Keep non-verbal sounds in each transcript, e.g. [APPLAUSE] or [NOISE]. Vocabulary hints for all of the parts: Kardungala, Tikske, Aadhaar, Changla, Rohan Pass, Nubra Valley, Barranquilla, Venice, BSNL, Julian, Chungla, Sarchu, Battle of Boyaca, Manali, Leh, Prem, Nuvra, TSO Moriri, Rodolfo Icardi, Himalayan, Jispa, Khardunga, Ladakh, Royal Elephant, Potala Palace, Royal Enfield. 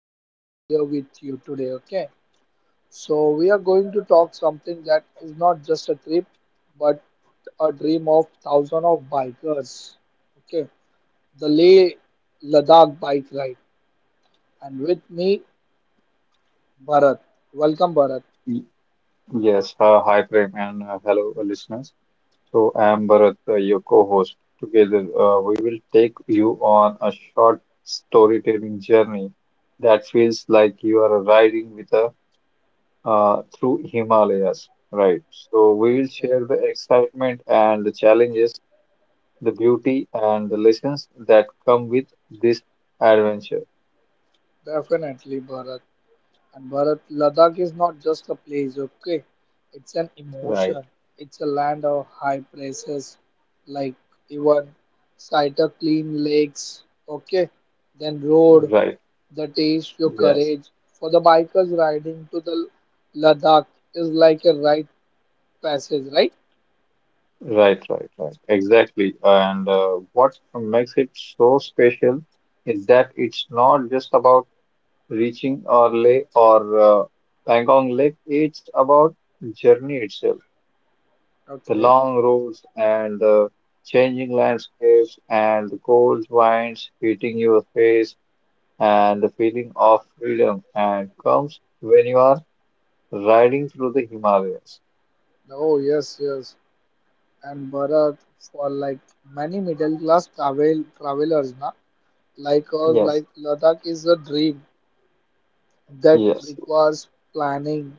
be happy here with you today. Okay, so we are going to talk something that is not just a trip but a dream of thousands of bikers. Okay, the Leh Ladakh bike ride, and with me, Bharat. Welcome, Bharat. Y- Yes, Hi Prem and hello listeners. So I am Bharat, your co-host. Together, we will take you on a short storytelling journey that feels like you are riding with a through Himalayas, right? So we will Okay, share the excitement and the challenges, the beauty and the lessons that come with this adventure, definitely, Bharat. And Bharat, Ladakh is not just a place, okay? It's an right? emotion. It's a land of high places, like even sight of clean lakes, okay? Then road Right. the taste your Yes. courage. For the bikers riding to the Ladakh is like a rite passage, right? Right. Exactly. And what makes it so special is that it's not just about reaching Orle or Pangong Lake, it's about journey itself, the Okay. long roads and the changing landscapes and the cold winds hitting your face and the feeling of freedom and comes when you are riding through the Himalayas. Oh yes, yes. And Bharat, for like many middle class travelers, na, like us, Yes, like Ladakh is a dream that yes. requires planning,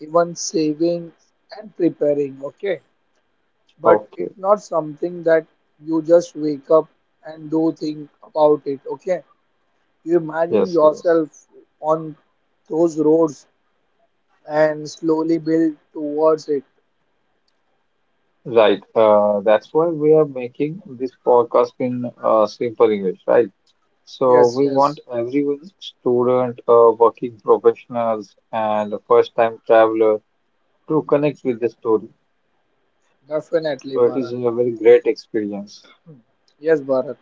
even saving and preparing, okay? But Okay, it's not something that you just wake up and do think about it, okay? You imagine yes. yourself on those roads and slowly build towards it. Right. That's why we are making this podcast in simple English, right? So Yes, we want yes, everyone, student, working professionals, and first-time traveler, to connect with the story. definitely, So it is Bharat. a very great experience, Hmm. Yes, Bharat.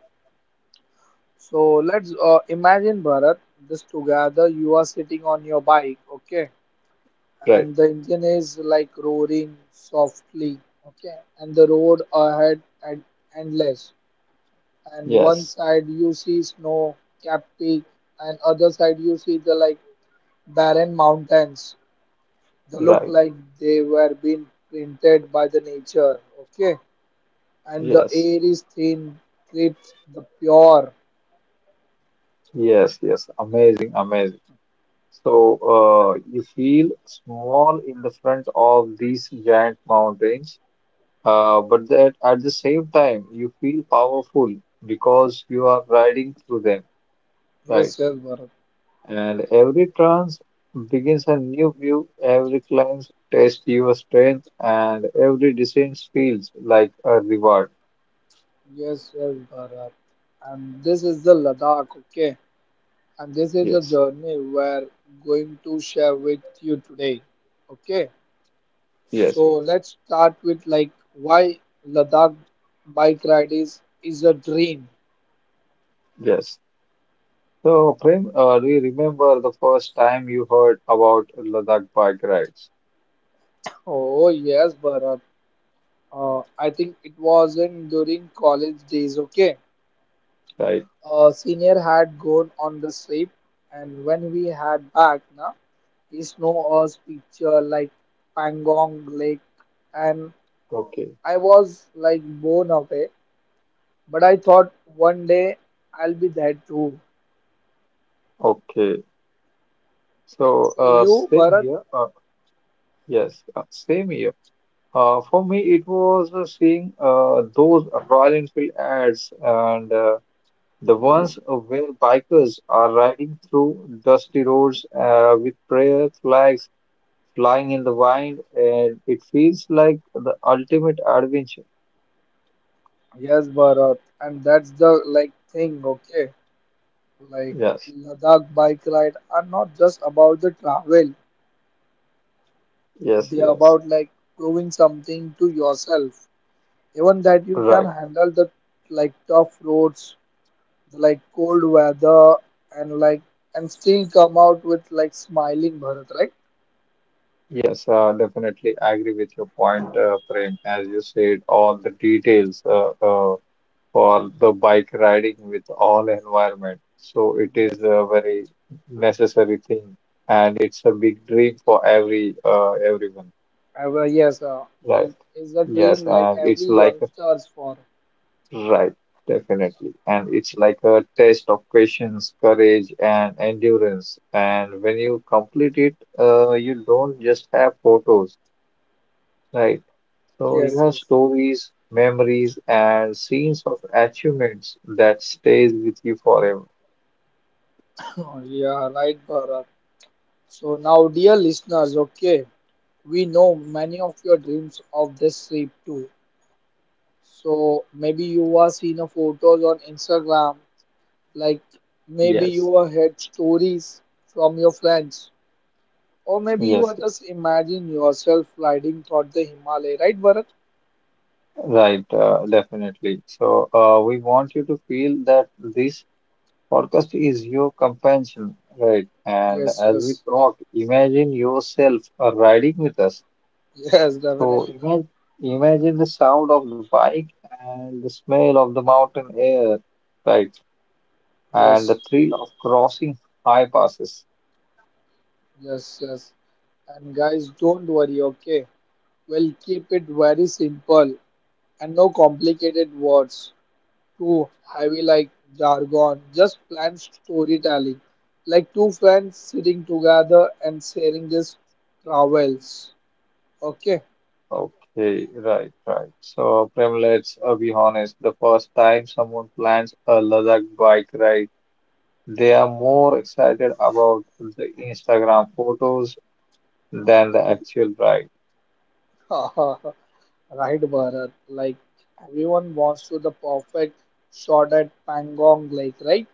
So let's imagine, Bharat, this together. You are sitting on your bike, okay? right? And the engine is like roaring softly, okay, and the road ahead and endless, and one Yes. side you see snow capped peak and other side you see the like barren mountains, they look Right. like they were being printed by the nature, okay, and the Yes. air is thin, crisp, the pure. Yes. Amazing. So you feel small in the front of these giant mountains. But that at the same time, you feel powerful because you are riding through them, Yes, right? yes, Bharat. And every trance begins a new view, every climb tests your strength, and every descent feels like a reward. Yes, yes, Bharat, and this is the Ladakh, okay, and this is the Yes, journey we're going to share with you today. Okay, so yes, yes, let's start with like why Ladakh bike ride is a dream. yes. So, Prem, do you remember the first time you heard about Ladakh bike rides, Oh yes, Bharat. I think it was in during college days. Okay, right? a senior had gone on the trip, and when we had back, na, he snow us picture like Pangong Lake, and Okay, I was like blown away. But I thought one day I'll be that too. okay. So, So you, Bharat? Same here. For me, it was seeing those Royal Enfield ads and the ones where bikers are riding through dusty roads with prayer flags flying in the wind, and it feels like the ultimate adventure. Yes, Bharat. And that's the like thing, okay? Like Yes, Ladakh bike ride are not just about the travel. yes, They are yes. about like proving something to yourself. Even that you can Right. handle the like tough roads, the like cold weather and like and still come out with like smiling, Bharat, right? Yes, definitely. I agree with your point, Prem, as you said, all the details. For the bike riding with all environment. So it is Yes, a sir. very necessary thing, and it's a big dream for every everyone. Well, yes, Right? is a Yes, dream like and it's every like a, youngster's for. right, definitely, and it's like a test of patience, courage, and endurance. And when you complete it, you don't just have photos, right? So you Yes, have yes. stories, memories, and scenes of achievements that stays with you forever. [COUGHS] [LAUGHS] Yeah, right, Bharat. So now, dear listeners, okay, we know many of your dreams of this trip too. So maybe you are seeing a photos on Instagram, like maybe Yes, you are heard stories from your friends, or maybe you yes, are just yes. imagine yourself riding through the Himalaya, right, Bharat? Right, definitely. So, we want you to feel that this podcast is your companion, right? And Yes, as we yes, talk, imagine yourself riding with us. yes, [LAUGHS] So, definitely, Bharat. imagine the sound of the bike and the smell of the mountain air, right? And the Yes, thrill of crossing high passes. yes, yes. And guys, don't worry, okay? We'll keep it very simple and no complicated words, too heavy like jargon, just plain storytelling, like two friends sitting together and sharing these travels. Okay. Okay, right. So, Prem, let's be honest. The first time someone plans a Ladakh bike ride, they are more excited about the Instagram photos than the actual bride. [LAUGHS] Right, Bharat. Like everyone wants to the perfect shot at Pangong Lake, right?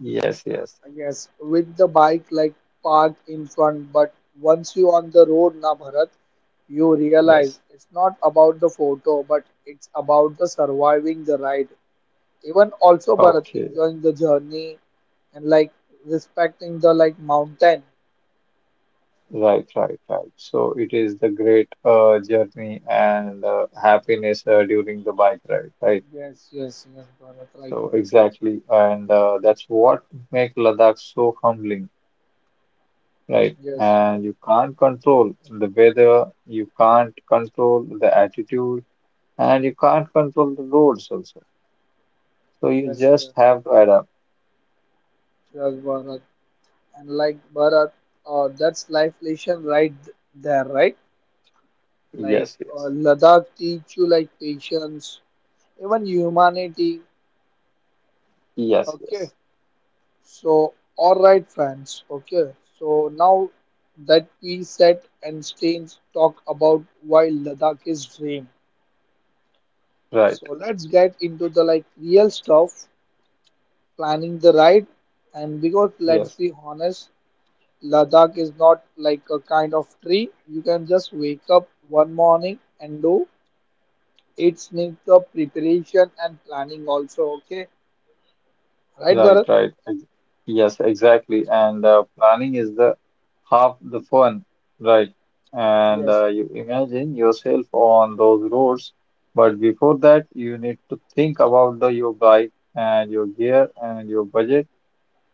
Yes, yes, Yes, with the bike like parked in front, but once you on the road, na Bharat, you realize yes. it's not about the photo, but it's about the surviving the ride. Even also Bharat Okay, enjoying the journey and like respecting the like mountain. right. So it is the great journey and happiness during the bike ride, right? Yes, yes, yes, Bharat. Like So exactly, and that's what make Ladakh so humbling, right? yes, And you can't control the weather, you can't control the altitude, and you can't control the roads also. So you yes, yes, just have to adapt. yes, Bharat. And like Bharat, that's life lesson right there, right? Like Yes, yes, Ladakh teach you like patience, even humanity. yes, Okay, yes. so all right, friends. Okay, so now that we set and stains talk about why Ladakh is dream. Right. So let's get into the like real stuff, planning the ride. And because let's Yes, be honest, Ladakh is not like a kind of tree you can just wake up one morning and do. It's needs the preparation and planning also. Okay, right, right, Bharat? right. Ex- Yes, exactly. And planning is the half the fun, right? And Yes, you imagine yourself on those roads, but before that, you need to think about the your bike and your gear and your budget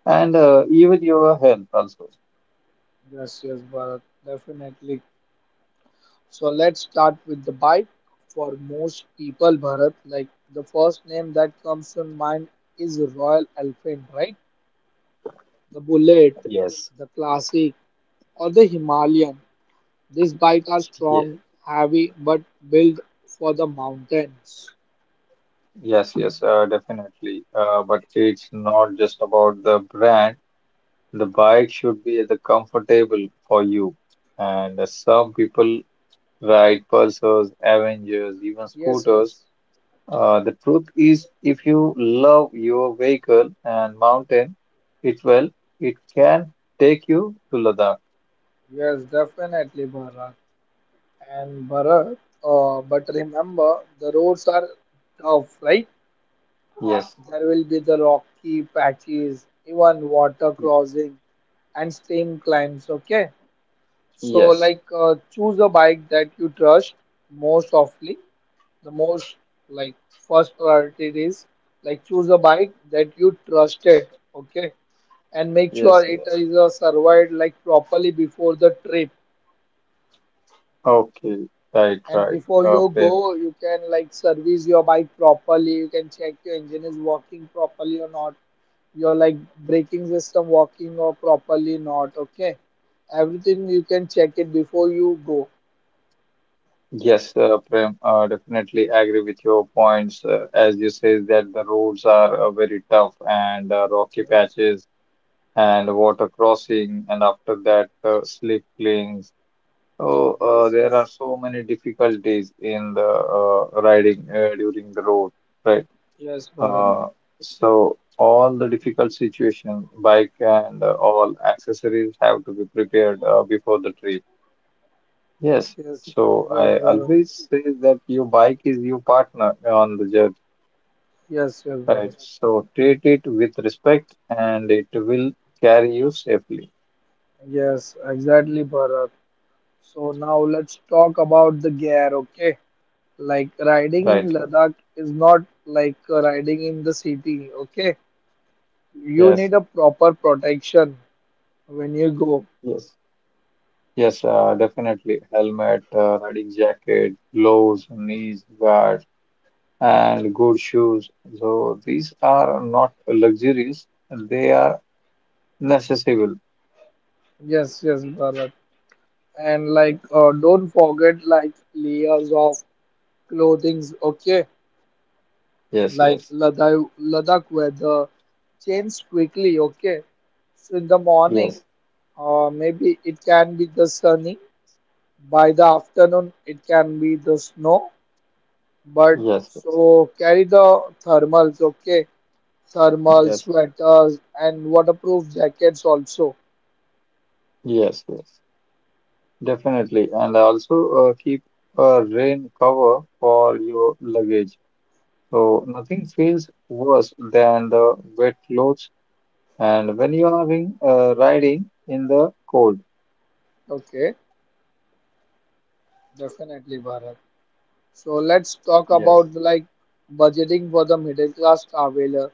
and even your health also. yes, yes, Bharat, definitely. So let's start with the bike. For most people, Bharat, like the first name that comes to mind is Royal Elephant, right? The Bullet, Yes, the Classic, or the Himalayan. These bikes are ye strong, heavy, but built for the mountains. Yes, Definitely. But it's not just about the brand. The bike should be the comfortable for you. And some people ride Pulsars, Avengers, even Yes, scooters. yes, The truth is, if you love your vehicle and mountain it well, it can take you to Ladakh. yes, definitely, Bharat. And Bharat, but remember, the roads are tough, right? Yes, There will be the rocky patches, even water y- crossing, and steam climbs. Okay, so yes, like choose a bike that you trust most often. The most like first priority is like choose a bike that you trusted, okay, and make yes, sure it yes. is surveyed like properly before the trip. Okay, right, And right. before you Prem. go, you can like service your bike properly, you can check your engine is working properly or not, your like braking system working or properly not, okay, everything you can check it before you go. Yes, Prem, definitely agree with your points. As you say that the roads are very tough and rocky Yes, patches and water crossing, and after that, slip lanes. So yes, there are yes, so many difficulties in the riding during the road, right? yes, Bharat. Uh, so all the difficult situation, bike and all accessories have to be prepared before the trip. Yes. Yes, So yes, I Bharat. always say that your bike is your partner on the journey, Yes, yes, right? Bharat. So treat it with respect, and it will carry you safely, Yes, exactly, Bharat. So now let's talk about the gear, okay? Like riding right? in Laura? Ladakh is not like riding in the city, okay? You Yes. need a proper protection when you go. Yes, yes, Definitely. Helmet, riding jacket, gloves, knees guards, and good shoes. So these are not luxuries; they are necessary. Yes, yes, Bharat. And like don't forget like layers of clothing, okay? Yes, Like yes, Ladakh weather changes quickly, okay? So in the morning, yes, maybe it can be the sunny. By the afternoon, it can be the snow, but yes, yes, so carry the thermals, okay? Thermal yes, sweaters and waterproof jackets also. yes. Definitely, and also keep a rain cover for your luggage. So nothing feels worse than the wet clothes, and when you are in, riding in the cold. Okay, definitely, Bharat. So let's talk Yes. about like budgeting for the middle class traveler.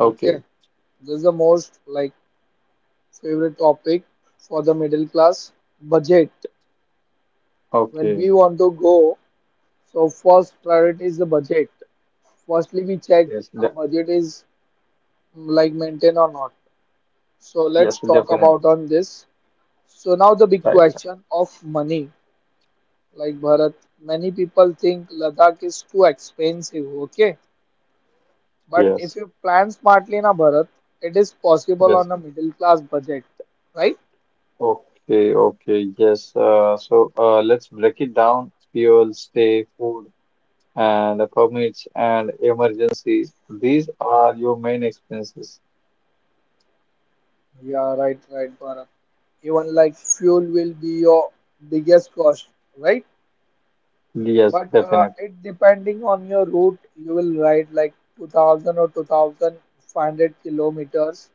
Okay, Okay, this is the most like favorite topic for the middle class budget. When okay. we want to go, so first priority is the budget. Firstly, we check Yes, our de- budget is like maintain or not. So yes, let's talk definitely. about on this. So now the big Right. question of money. Like Bharat, many people think Ladakh is too expensive, okay? But if Yes, you plan smartly na Bharat, it is possible yes. on a middle class budget, right? Okay. Yes. Let's break it down. Fuel, stay, food, and the permits and emergencies. These are your main expenses. Yeah, right, right, Bharat. Even like fuel will be your biggest cost, right? Yes, But definitely. it depending on your route, you will ride like 2000 or 2500 kilometers,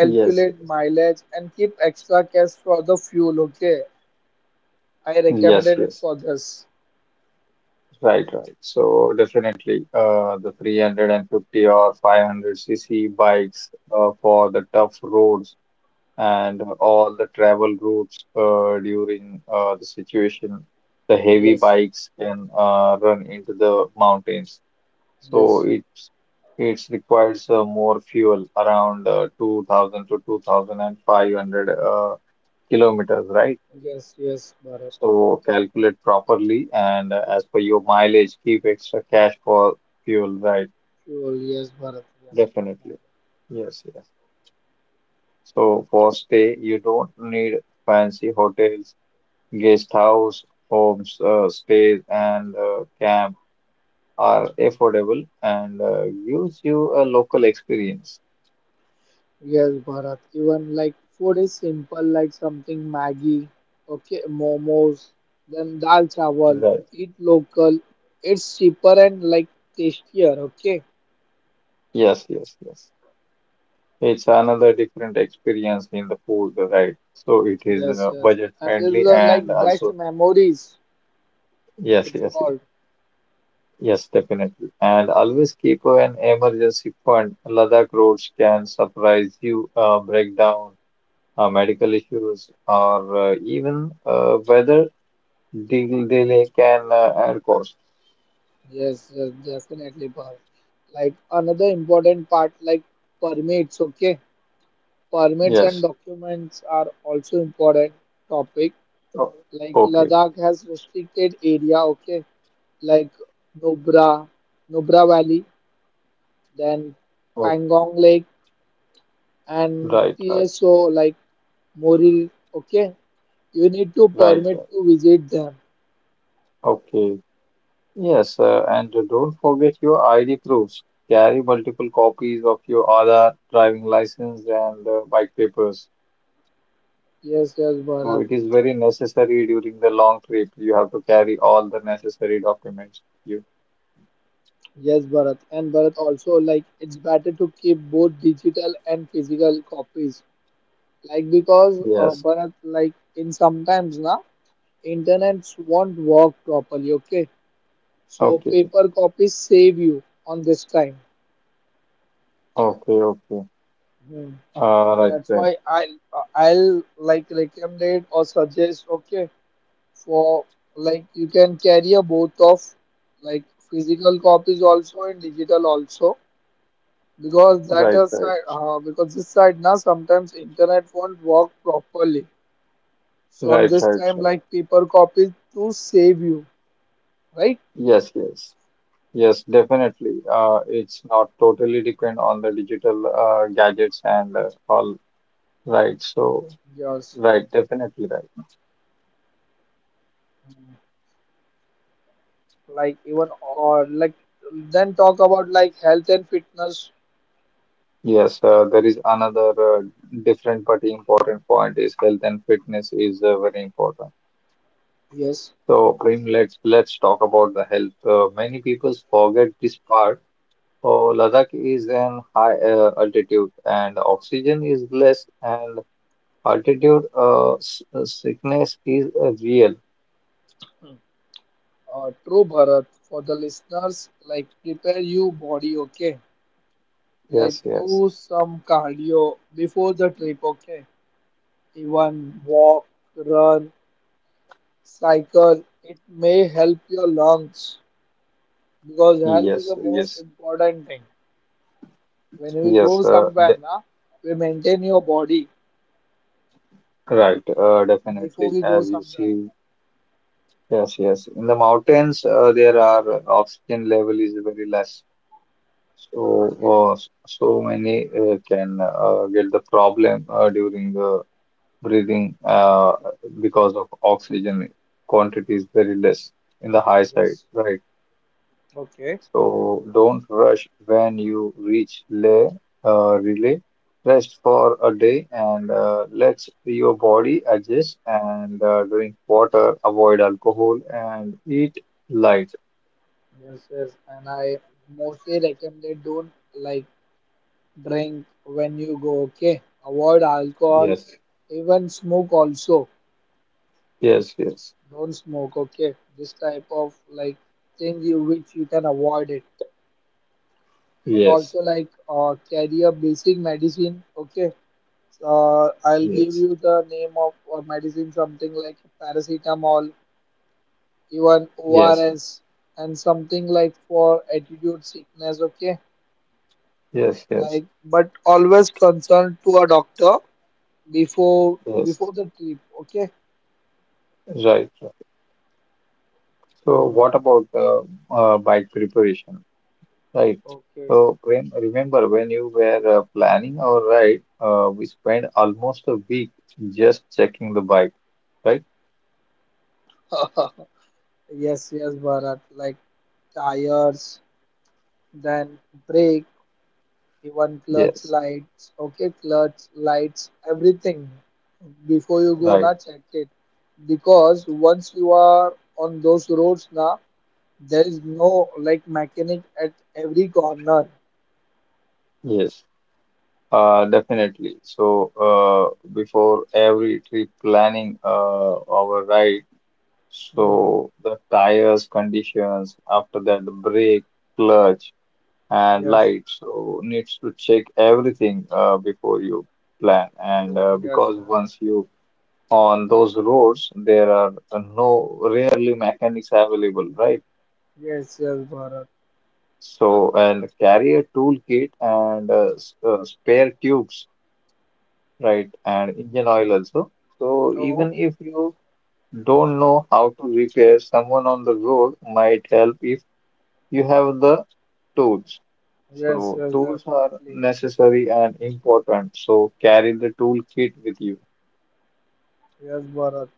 Yes, mileage and keep extra cash for the fuel. Okay, I yes, recommended it yes. for this. Right. So definitely, the 350 or 500 cc bikes for the tough roads and all the travel routes during the situation, the heavy Yes, bikes can run into the mountains. So yes, it's requires more fuel around 2000 to 2500 kilometers, right? yes, yes, Bharat. So calculate properly and as per your mileage, keep extra cash for fuel, right? Fuel, yes, Bharat, yes, Definitely. definitely. Yes. So for stay, you don't need fancy hotels. Guest house, homes, stays, and camp are affordable and gives you a local experience. Yes, Bharat. Even like food is simple, like something Maggi, okay, momos, then dal chawal. Right. Eat local. It's cheaper and like tastier. Okay. Yes. It's another different experience in the food, right? So it is Yes, yes, budget and this is friendly the like and best also, memories. yes, It's yes, yes, called. yes, definitely. And always keep an emergency fund. Ladakh roads can surprise you, breakdown, medical issues, or even weather Dil Dil can and cost. Yes, yes, definitely, Parth. Like another important part, like permits, okay? Permits and Yes. documents are also important topic. O- Like Okay. Ladakh has restricted area, okay? Like Nubra, Nubra Valley, then Oh, Pangong Lake and right, right, TSO like Moril, okay? You need to right, permit right. to visit them. Okay. Yes, and don't forget your ID proofs. Carry multiple copies of your Aadhaar, driving license, and bike papers. Yes, yes, So Bharat. it is very necessary during the long trip. You have to carry all the necessary documents. With Yes, Bharat. And Bharat also like it's better to keep both digital and physical copies. Like because you. Yes. Bharat, like in sometimes na internets won't work properly. Okay, so Okay. paper copies save you on this time. Okay. Hmm. Uh, So right. that's Right. why I'll like recommend or suggest. Okay, for like you can carry a both of like physical copies also and digital also, because that Right. is Right. side because this side now sometimes internet won't work properly, so on Right. Right. this time Right. like paper copies to save you, right? Yes. Yes, definitely. It's not totally depend on the digital gadgets and all. Right. So, Yes, right, definitely right. like even or like then talk about like health and fitness. Yes, there is another different but important point is health and fitness is very important. Yes, So, Prem, let's talk about the health. Many people forget this part. Oh, Ladakh is an high altitude and oxygen is less and altitude sickness is real. True Bharat. For the listeners, like prepare you body, okay, like Yes. do some cardio before the trip, okay, even walk, run, cycle, it may help your lungs, because health is the Yes, most yes, important thing. When we yes, go somewhere, de na, we maintain your body right, before definitely. we go As you somewhere. see, yes. In the mountains, there are oxygen level is very less. So, Okay. So many can get the problem during the breathing because of oxygen quantity is very less in the high side, Yes. right? Okay. So don't rush when you reach lay, relay. Rest for a day and let your body adjust and drink water, avoid alcohol, and eat light. Yes, yes. And I mostly recommend don't like drink when you go. Okay. Avoid alcohol, Yes. even smoke also. Yes, yes, Don't smoke. Okay. This type of like thing you which you can avoid it. Even yes, also like carry a basic medicine. Okay. I'll give yes, you the name of or medicine something like paracetamol, even yes, ORS, and something like for attitude sickness. Okay, yes, yes, like but always consult to a doctor before yes. before the trip. Okay. Right. So, Hmm. what about the bike preparation? Right. Okay. So when remember when you were planning our ride, we spent almost a week just checking the bike, right? [LAUGHS] Yes, yes, Bharat. Like tires, then brake. Even clutch Yes, lights, okay, clutch lights, everything before you go right. na check it, because once you are on those roads na there is no like mechanic at every corner. Yes, definitely. So before every trip planning our ride, Hmm. so the tires conditions, after that the brake, clutch, and Yes, light. So needs to check everything before you plan, and bro. Yes, because yeah. once you on those roads there are no rarely mechanics available, right? Yes, yes, Bharat. So and carry a toolkit and spare tubes, right, and engine oil Hmm. also. So even Oh, if you don't know how to repair, someone on the road might help if you have the tools. yes, So yes, tools are definitely. necessary and important, so carry the toolkit with you. Yes, Bharat.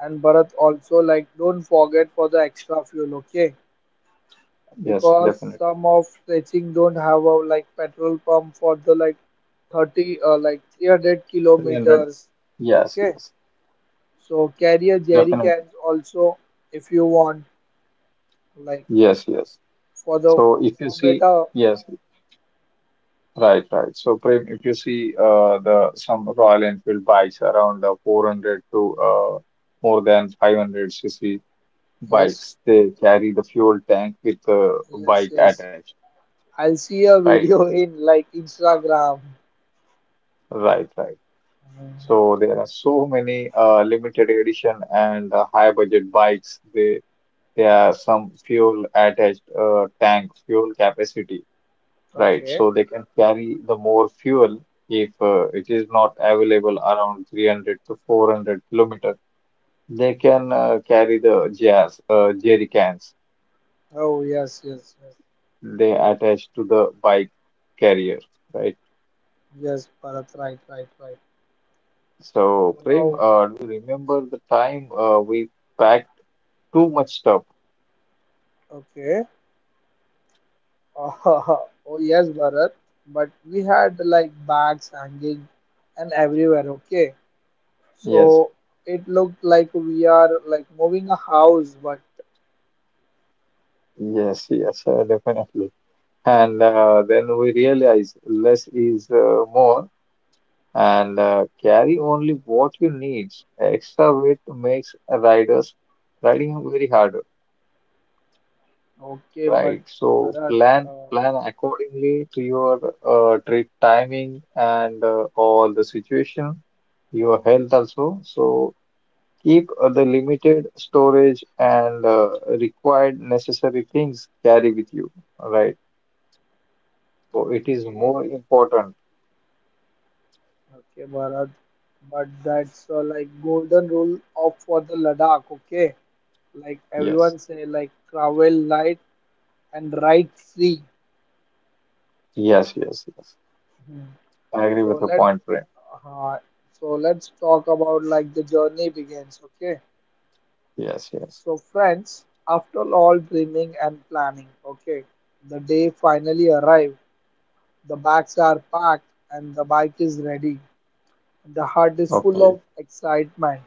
And Bharat also like don't forget for the extra fuel, okay? Yes, Because definitely. some of stretching don't have a like petrol pump for the like 30 like 300 300. kilometers, yes okay, yes so carry a jerry Definitely. cans also if you want, like yes yes for the So if you for see, better. yes, right. So Prem, if you see the some Royal Enfield bikes around 400 to more than 500 cc Yes, bikes, they carry the fuel tank with the yes, bike yes, attached. I'll see a Right, video [LAUGHS] in like Instagram. right. Mm, So there are so many limited edition and high budget bikes. They are some fuel attached tank fuel capacity. Right, okay. so they can carry the more fuel if it is not available around 300 to 400 kilometer. They can carry the jazz, jerry cans Oh yes, yes, yes, they attach to the bike carrier, right? yes, Bharat, right, right, right. So, So Prem, now, do you remember the time we packed too much stuff? okay. Oh [LAUGHS] oh yes, Bharat. But we had like bags hanging and everywhere. Okay, Yes, so it looked like we are like moving a house. But yes, definitely. And then we realize less is more. And carry only what you need. Extra weight makes riders riding very harder, okay, but right? So Bharat. plan Uh, plan accordingly to your trip timing and all the situation, your health also. So keep the limited storage and required necessary things carry with you, right? So it is okay, more important. okay, Bharat. But that's like golden rule of for the Ladakh. Okay, like Yes, everyone say like travel light and ride free. yes, yes, yes. Hmm. I agree So with your let point, Prem. uh, so let's talk about like the journey begins. Okay. Yes, yes. So, friends, after all dreaming and planning, okay, the day finally arrived. The bags are packed and the bike is ready. The heart is full Okay. of excitement.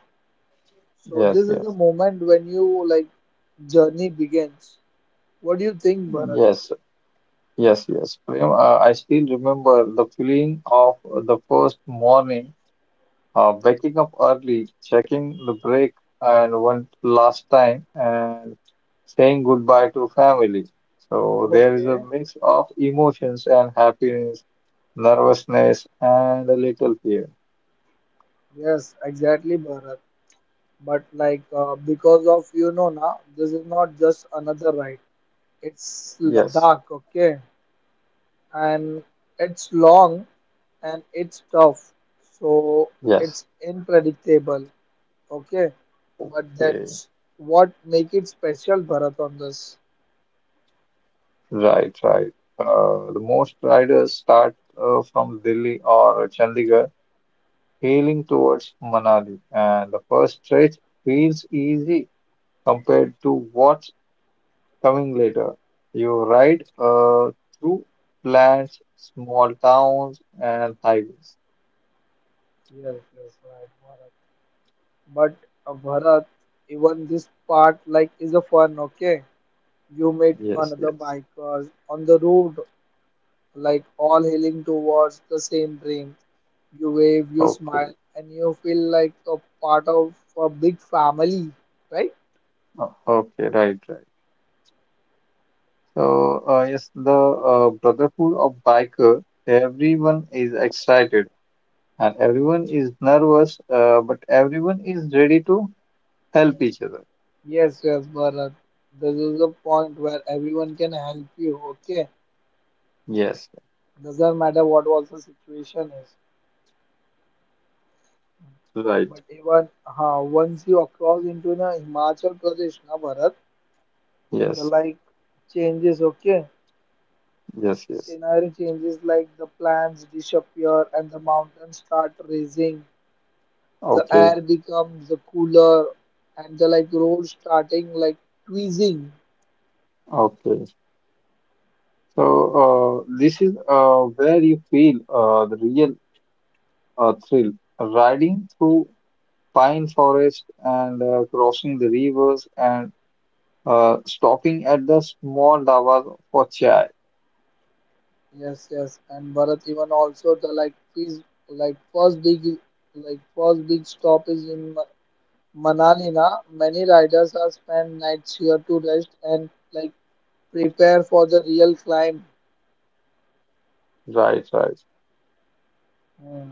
So, Yes, this is the yes, moment when you like journey begins. What do you think, Bharat? yes, yes, yes. Prem, I still remember the feeling of the first morning, waking up early, checking the break and one last time, and saying goodbye to family. So there is a Okay, mix of emotions and happiness, nervousness, and a little fear. yes, exactly, Bharat. But like because of now, this is not just another ride. It's Yes, Ladakh, okay, and it's long and it's tough. So yes, it's unpredictable. Okay, but okay. that's what make it special, Bharat, on this. Right, right. The most riders start from Delhi or Chandigarh, heading towards Manali, and the first stretch feels easy compared to what's coming later. You ride Okay. Through plants, small towns, and highways. Yes, yes, right, Bharat. But Bharat, even this part like is a fun. Okay, you meet Yes, another yes. bikers on the road, like all heading towards the same dream. You wave, you Okay. smile, and you feel like a part of a big family, right? Okay, right, right. So, yes, the Brotherhood of Biker, everyone is excited and everyone is nervous, but everyone is ready to help each other. Yes, yes, Bharat. This is a point where everyone can help you, okay? Yes, Doesn't matter what was the situation is. right. But even once you cross into the Himachal Pradesh, na Bharat, the Yes, like changes, okay? yes, yes. Scenario changes like the plants disappear and the mountains start raising, the Okay, air becomes the cooler and the like road starting like tweezing. okay. So this is where you feel the real thrill, riding through pine forest and crossing the rivers and stopping at the small dhawas for chai. Yes, yes, and Bharat even also the like his like first big like first big stop is in Manali na. Many riders are spend nights here to rest and like prepare for the real climb. Right, right. Hmm.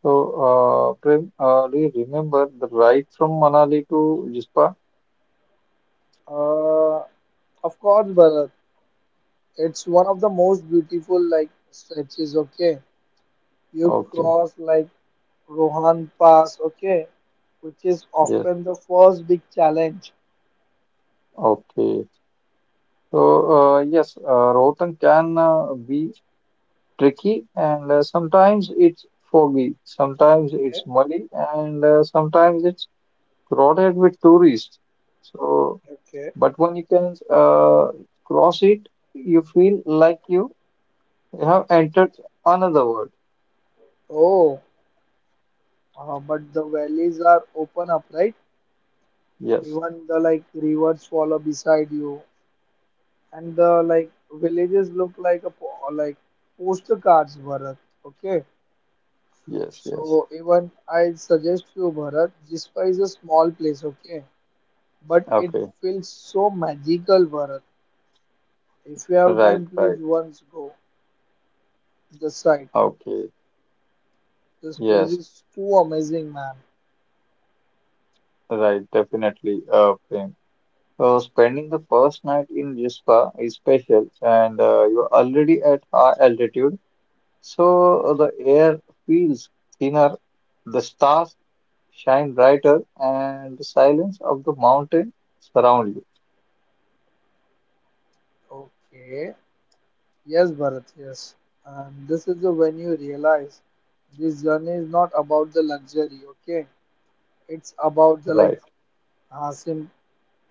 So, Prem, do you remember the ride from Manali to Jispa? Uh, of course, Bharat, it's one of the most beautiful like stretches. Okay, you Okay, cross like Rohan Pass. Okay, which is yes, often the first big challenge. okay. So, yes, Rohtang can be tricky and sometimes it's foggy, sometimes Okay, it's muddy, and sometimes it's crowded with tourists. So, okay. but when you can cross it, you feel like you have entered another world. Oh. But the valleys are open up, right? Yes, Even the like rivers follow beside you, and the like villages look like postcards, Bharat. Okay, yes, yes. so even I suggest you, Bharat, Jispa is a small place, okay, but it Okay, feels so magical, Bharat. If you have right, time, please right. once go the site. Okay, This place yes, is too amazing, man. right, definitely. Prem. So spending the first night in Rispa is special, and you're already at high altitude. So the air feels thinner, the stars shine brighter, and the silence of the mountain surround you. Okay. Yes, Bharat, yes. And this is the when you realize this journey is not about the luxury, okay? It's about the like Right, uh, sim-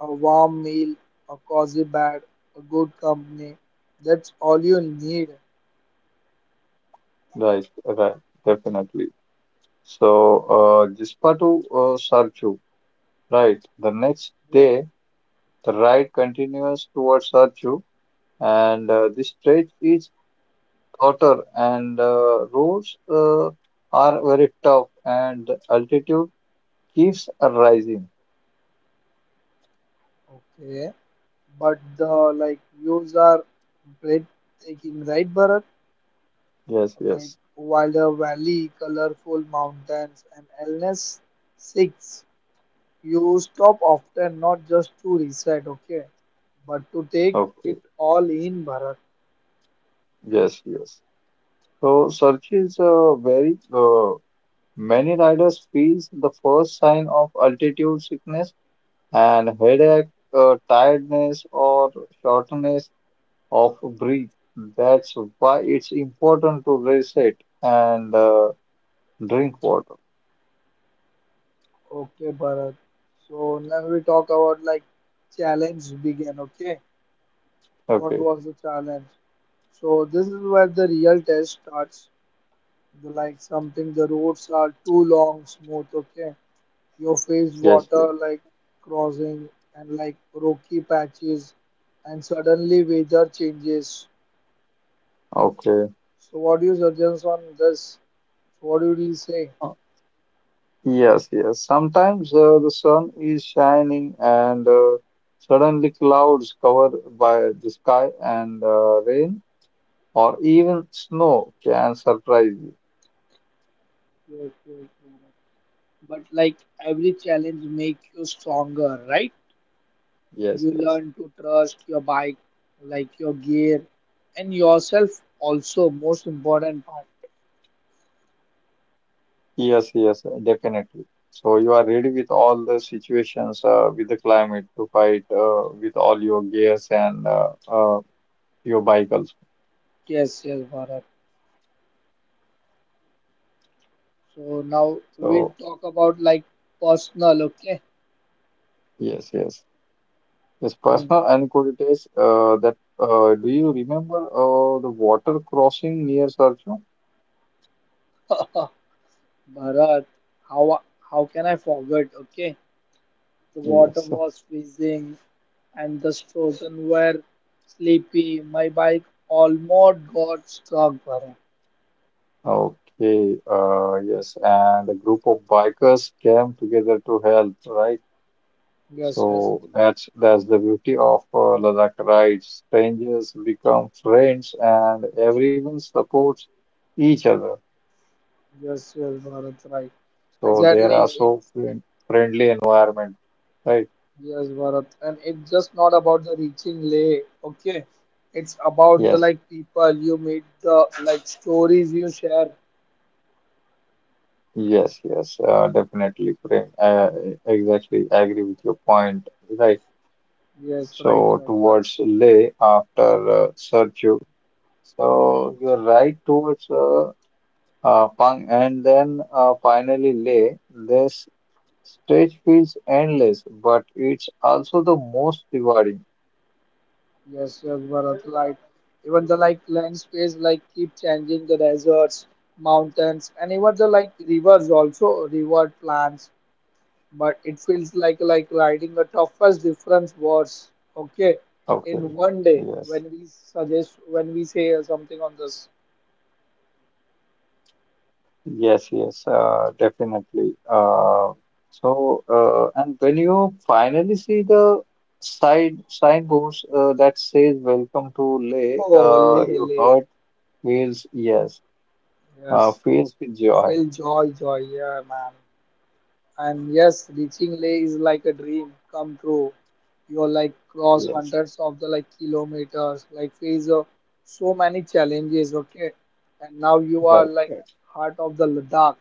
a warm meal, a cozy bed, a good company. That's all you need. right, right, definitely. So, Jispatu Sarchu, right. The next Yes. day, the ride continues towards Sarchu, and the stretch is shorter, and roads are very tough, and the altitude keeps rising. Okay. But the like views are breathtaking, right, Bharat? Yes, Like yes. Wilder Valley, colorful mountains, and illness six. You stop often not just to reset, okay, but to take Okay. it all in, Bharat. Yes, yes. So search is very many riders feels the first sign of altitude sickness and headache, tiredness or shortness of breath. That's why it's important to reset and drink water. Okay, Bharat. So now we talk about like challenge began, okay? What Okay. was the challenge? So this is where the real test starts. Like something the roads are too long, smooth, okay. Your face Yes. Yes. water like crossing and like rocky patches and suddenly weather changes. Okay. So what do you suggest on this? What would you say? Uh, Yes, yes. Sometimes the sun is shining and suddenly clouds cover by the sky and rain or even snow can surprise you. Yes, yes, yes. But like every challenge makes you stronger, right? Yes, You yes, learn to trust your bike, like your gear, and yourself also. Most important part. yes, yes, definitely. So you are ready with all the situations with the climate to fight with all your gears and your bike also. Yes, yes, Bharat. So now we So talk about like personal, okay? yes, yes, yes. Hmm. Personal anecdotes that do you remember the water crossing near Sarcho? [LAUGHS] Bharat, how how can I forget? Okay, the water Yes. was freezing and the children were sleepy. My bike almost got stuck, Bharat. Okay. Yes, and a group of bikers came together to help, right? Yes, yes, So that's the beauty of Ladakh rides. Strangers become friends, and everyone supports each other. yes, yes, Bharat, right. So there Exactly, are it, so friendly environment, right? yes, Bharat. And it's just not about the reaching lay, okay? It's about the Yes, like people you meet, the like stories you share. yes, yes. Definitely, Prem. Exactly, I agree with your point, right? Yes, right, So right, right. towards Leh after Sarchur, so you're right towards Pang, and then finally Leh. This stage feels endless, but it's also the most rewarding. Yes, yes, Bharat, right. Even the like land space like keep changing the deserts, mountains, and even the like rivers also, river plants but it feels like riding the toughest difference wars okay in Okay. one day Yes. When we say something on this. Yes, yes, definitely. So, and when you finally see the side signboards that says "Welcome to Leh," oh le your le heart feels yes, yes feels with joy. feel joy yeah man. And yes reaching leh is like a dream come true. You're like cross Yes, hundreds of the like kilometers like face so many challenges okay. And now you are right. like Right. heart of the ladakh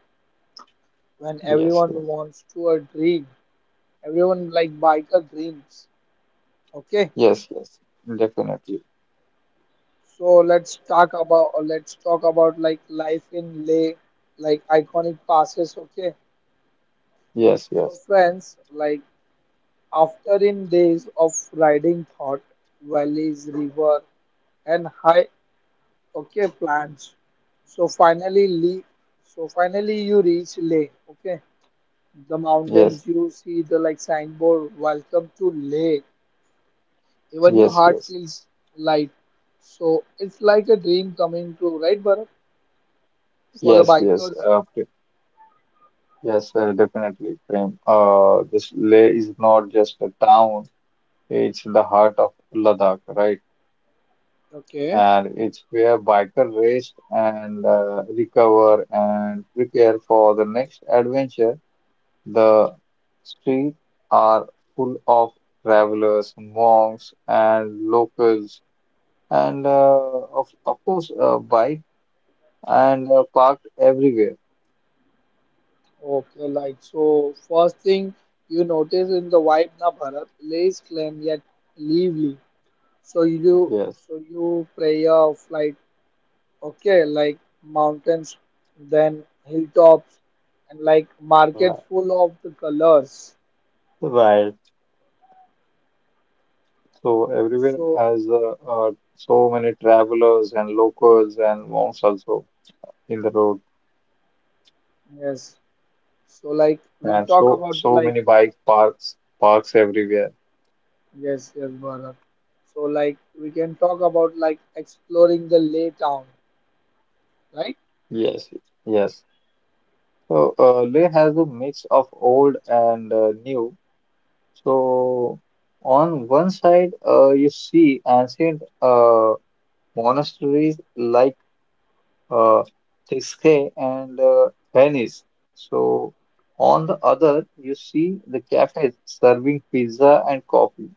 when Yes, everyone yes, wants to a dream everyone like biker dreams okay. yes, yes, definitely. So let's talk about like life in leh like iconic passes okay. Yes, So yes, friends like after in days of riding thought valleys river and high okay plants. so finally Lee, so finally you reach Leh. Okay, the yes, mountains you see the like signboard, welcome to Leh. Even your yes, heart yes, feels light. So it's like a dream coming true, right, Bharat? For the yes, yes. bikers. Yes, sir, definitely, Prem. This Leh is not just a town, it's the heart of Ladakh, right? Okay. And it's where biker rest and recover and prepare for the next adventure. The streets are full of travelers, monks, and locals, and of course, bike and parked everywhere. Okay, like so first thing you notice in the vibe na Bharat, lays claim yet lively. So you do Yes, so you pray a flight, okay, like mountains, then hilltops and like markets right. full of the colors. Right. So everywhere So has so many travelers and locals and monks also in the road, yes. So like we'll and talk so about the so like. many bike parks everywhere. Yes, yes, brother. So like we can talk about like exploring the Leh town, right? Yes, yes. So Leh has a mix of old and new. So on one side, you see ancient monasteries like uh, Biscay and Venice. So on the other, you see the cafes serving pizza and coffee.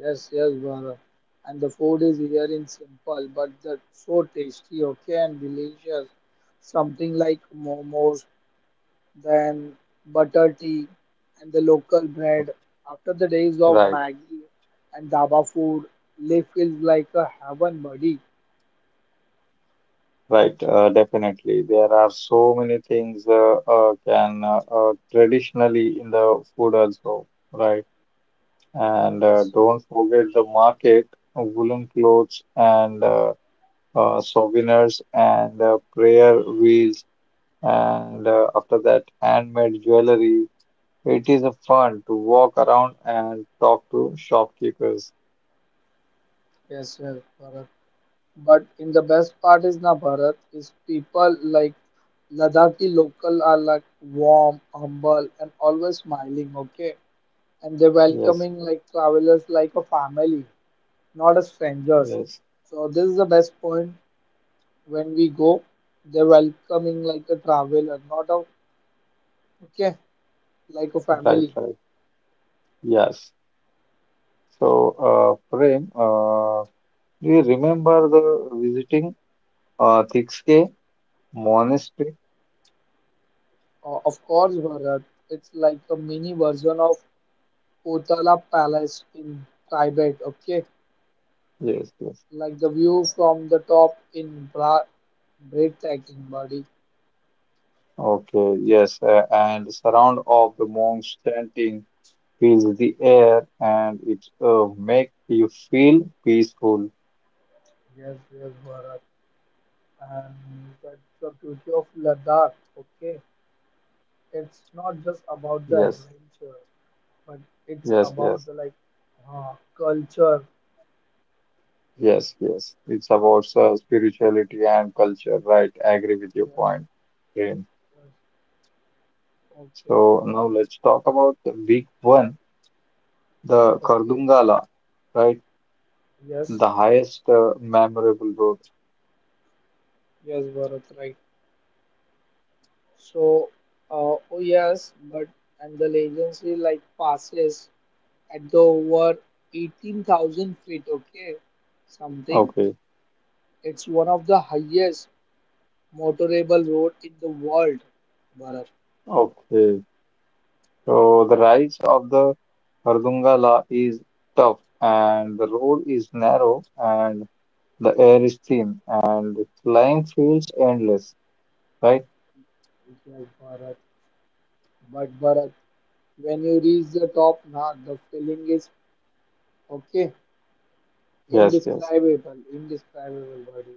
Yes, yes, brother. And the food is here in simple, but the so tasty, okay, and delicious. Something like momos, then butter tea, and the local bread. After the days of Right, Maggie and dhaba food, Leh feels like a heaven, buddy. right, definitely. There are so many things can traditionally in the food also, right? And Yes, yes, don't forget the market, woolen clothes and souvenirs and prayer wheels and after that handmade jewelry. It is a fun to walk around and talk to shopkeepers. yes, yes, brother. But in the best part is na Bharat is people like Ladakhi local are like warm, humble, and always smiling. Okay, and they're Yes, welcoming like travelers like a family, not as strangers. yes, So this is the best point when we go, they're welcoming like a traveler, not a okay like a right, family. right. Yes. So, Prem, do you remember the visiting Tikske monastery? Of course, Bharat, it's like a mini version of Potala Palace in Tibet. Okay, Yes, yes. like the view from the top in bra breathtaking body. Okay, yes. And the sound of the monks chanting fills the air, and it make you feel peaceful. Yes, yes, Bharat. And that's the beauty of Ladakh, okay? It's not just about the Yes, adventure, but it's yes, about yes. the like culture. Yes, yes. It's about spirituality and culture, right? I agree with your Yes, point, Prem. yes. Okay, okay, So now Bharat. let's talk about the week one, the Okay. Kardungala, right? Yes, The highest memorable road. yes, Bharat, right. So, oh yes, but and the legacy like passes at the over 18,000 feet, okay, something. Okay, It's one of the highest motorable road in the world, Bharat. okay. So the rise of the Kardungala is tough, and the road is narrow, and the air is thin, and the climb feels endless, right? It's like Bharat, but Bharat, when you reach the top, now the feeling is okay, Yes, yes. indescribable, indescribable, buddy.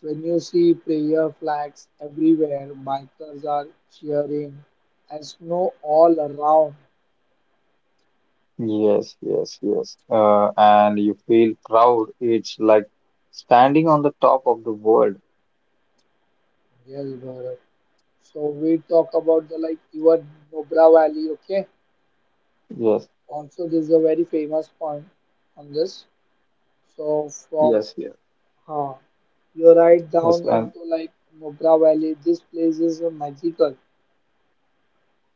When you see prayer flags everywhere, bikers are cheering, and snow all around. Yes, yes, yes. And you feel proud. It's like standing on the top of the world. Yes, Bharat. So we talk about the like even Nobra Valley, okay? Yes, Also, this is a very famous point on this. So from yes, yes. huh, you're right Yes, down and into like Nubra Valley. This place is magical.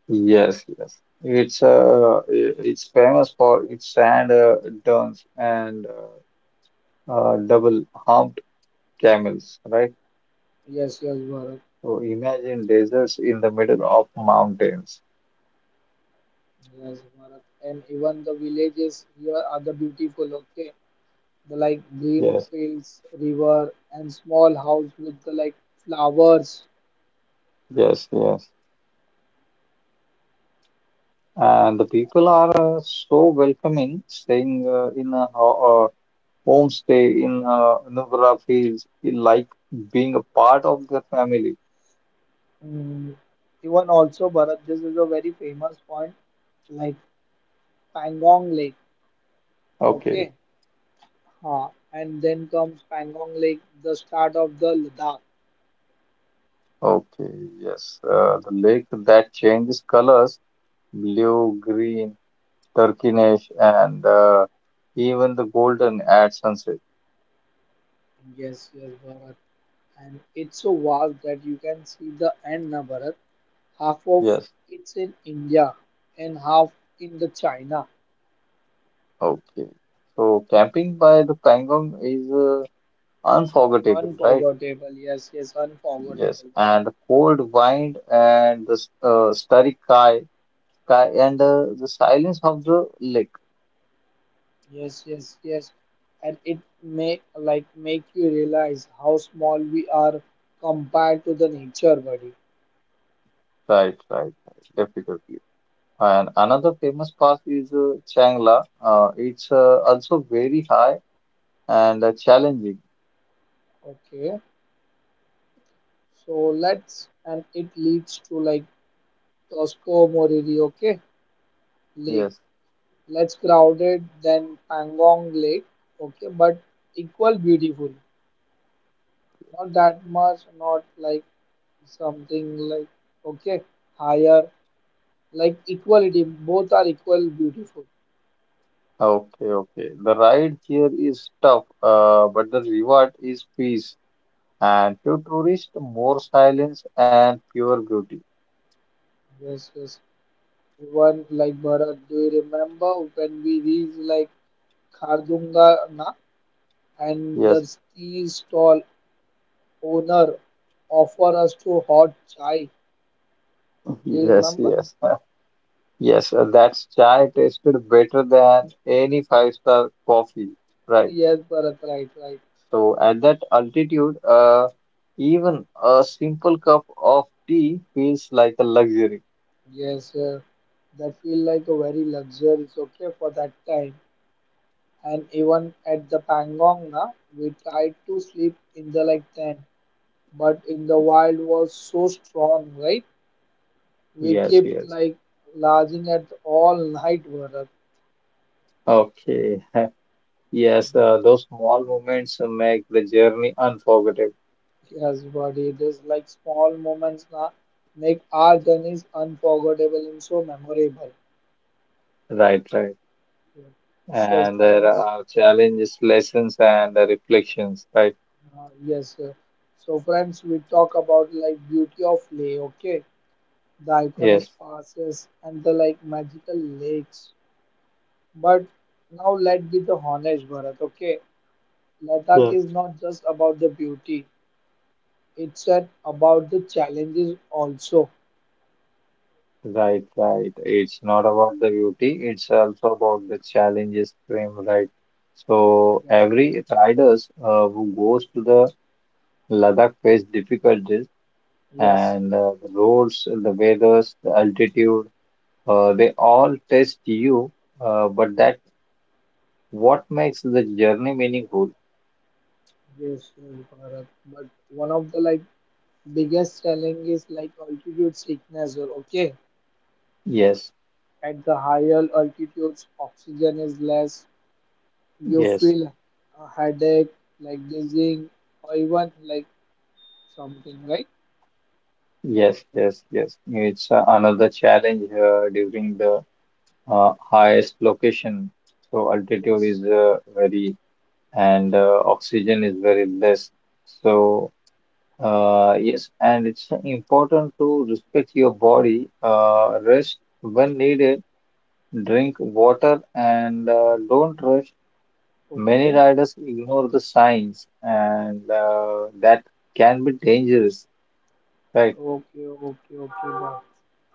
yes, yes. It's famous for its sand dunes and double-humped camels, right? Yes, yes, Bharat. So imagine deserts in the middle of mountains. Yes, Bharat. And even the villages here are the beautiful. Okay, the like green Yes, fields, river, and small house with the like flowers. yes, yes. And the people are so welcoming, staying in a ho homestay in Nuvra feels like being a part of the family. Mm, Even also, Bharat, this is a very famous point, like Pangong Lake. Okay, Okay, Huh? And then comes Pangong Lake, the start of the Ladakh. okay, yes. The lake that changes colors, blue, green, turquoise, and even the golden at sunset. Yes, yes, Bharat. And it's so vast that you can see the end, now Bharat. Half of Yes, it's in India and half in the China. okay. So camping by the Pangong is unforgettable, right? Unforgettable. Yes, yes, Yes, unforgettable. Bharat. and the cold wind and the starry sky and the silence of the lake. Yes, yes, yes. And it may like make you realize how small we are compared to the nature, buddy. Right, right, right. Definitely. And another famous pass is Changla. It's also very high and challenging. Okay. So let's and it leads to like Tosco Moriri, okay? Lake Yes. less crowded than Pangong Lake, okay, but equal beautiful. Not that much, not like something like okay, higher, like equality. Both are equal beautiful. Okay, okay. The ride here is tough, but the reward is peace. And few tourists, more silence and pure beauty. Yes, yes. One like Bharat, do you remember when we reached like Khardunga na and the Yes, tea stall owner offer us to hot chai? Do you yes, remember? yes. [LAUGHS] Yes, that's chai tasted better than any five-star coffee. Right. Yes, Bharat, right, right. So at that altitude, even a simple cup of tea feels like a luxury. Yes, that feel like a very luxurious okay for that time. And even at the Pangong, na, we tried to sleep in the like tent, but in the wild was so strong, right? We Yes, kept yes. like lodging at all night, Bharat. Okay. [LAUGHS] Yes, those small moments make the journey unforgettable. Yes, buddy. This like small moments na make our journeys unforgettable and so memorable. Right, right. Yeah. So And there friends, are challenges, lessons, and reflections. Right. Yes. So friends, we talk about like beauty of lay, okay? The Yes. iconic passes and the like magical lakes. But now let's be the honest, Bharat. Okay, Ladakh Yeah. is not just about the beauty; it's about the challenges also. Right, right. It's not about the beauty, it's also about the challenges frame, right? So Yes, every riders who goes to the Ladakh faced difficulties, yes, and the roads, the weathers, the altitude, they all test you, but that what makes the journey meaningful. yes, yes, Bharat. But one of the like biggest challenges like altitude sickness. Or okay, Yes, at the higher altitudes, oxygen is less. You yes, feel a headache, like dizzying, or even like something, right? yes, yes, yes. It's another challenge during the highest location. So altitude Yes. is very, and oxygen is very less. So yes, and it's important to respect your body, rest when needed, drink water, and don't rush. Many Okay. riders ignore the signs, and that can be dangerous. Right, Okay. Okay. Okay. But,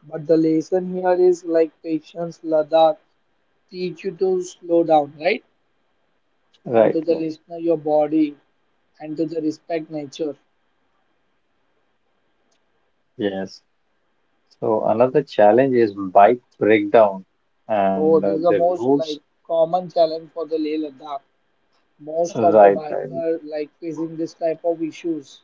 but the lesson here is like patience, Ladakh, teach you to slow down, right? And to right, the right. listener, your body, and to the respect nature. Yes. So another challenge is bike breakdown, Oh, and this is the the most like roads. common challenge for the Leh Ladakh. Most of the Right, right. biker like facing this type of issues.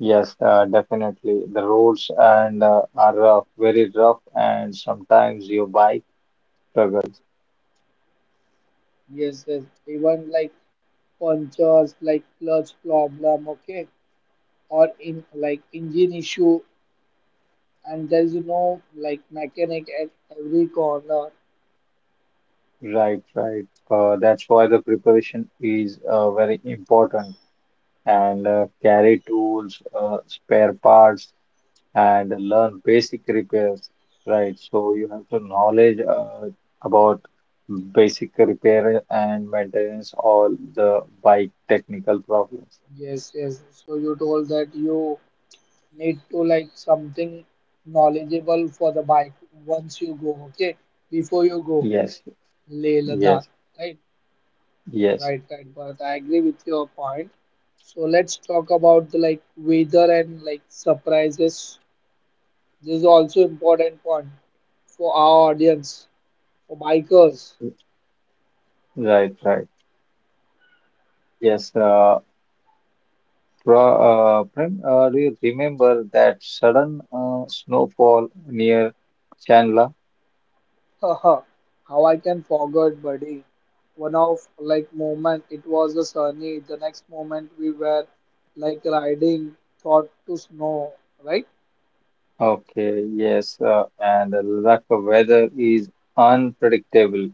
Yes, definitely. The roads and are very rough, and sometimes your bike struggles. Yes. Yes. Even like punctures, like clutch problem, okay, or in like engine issue and there is no like mechanic at every corner. Right, right. That's why the preparation is very important and carry tools, spare parts, and learn basic repairs. Right. So you have to knowledge about basic repair and maintenance all the bike technical problems. Yes, yes. So you told that you need to like something knowledgeable for the bike once you go, okay? Before you go Yes, Leh Ladakh, yes, right? yes. Right, right. But I agree with your point. So let's talk about the like weather and like surprises. This is also important point for our audience, for bikers. Right, right. Yes. Pra, Prem, do you remember that sudden snowfall near Chandla? Haha, how I can forget, buddy. One of like moment it was a sunny. The next moment we were like riding thought to snow, right? Okay, yes, and the Ladakh weather is unpredictable.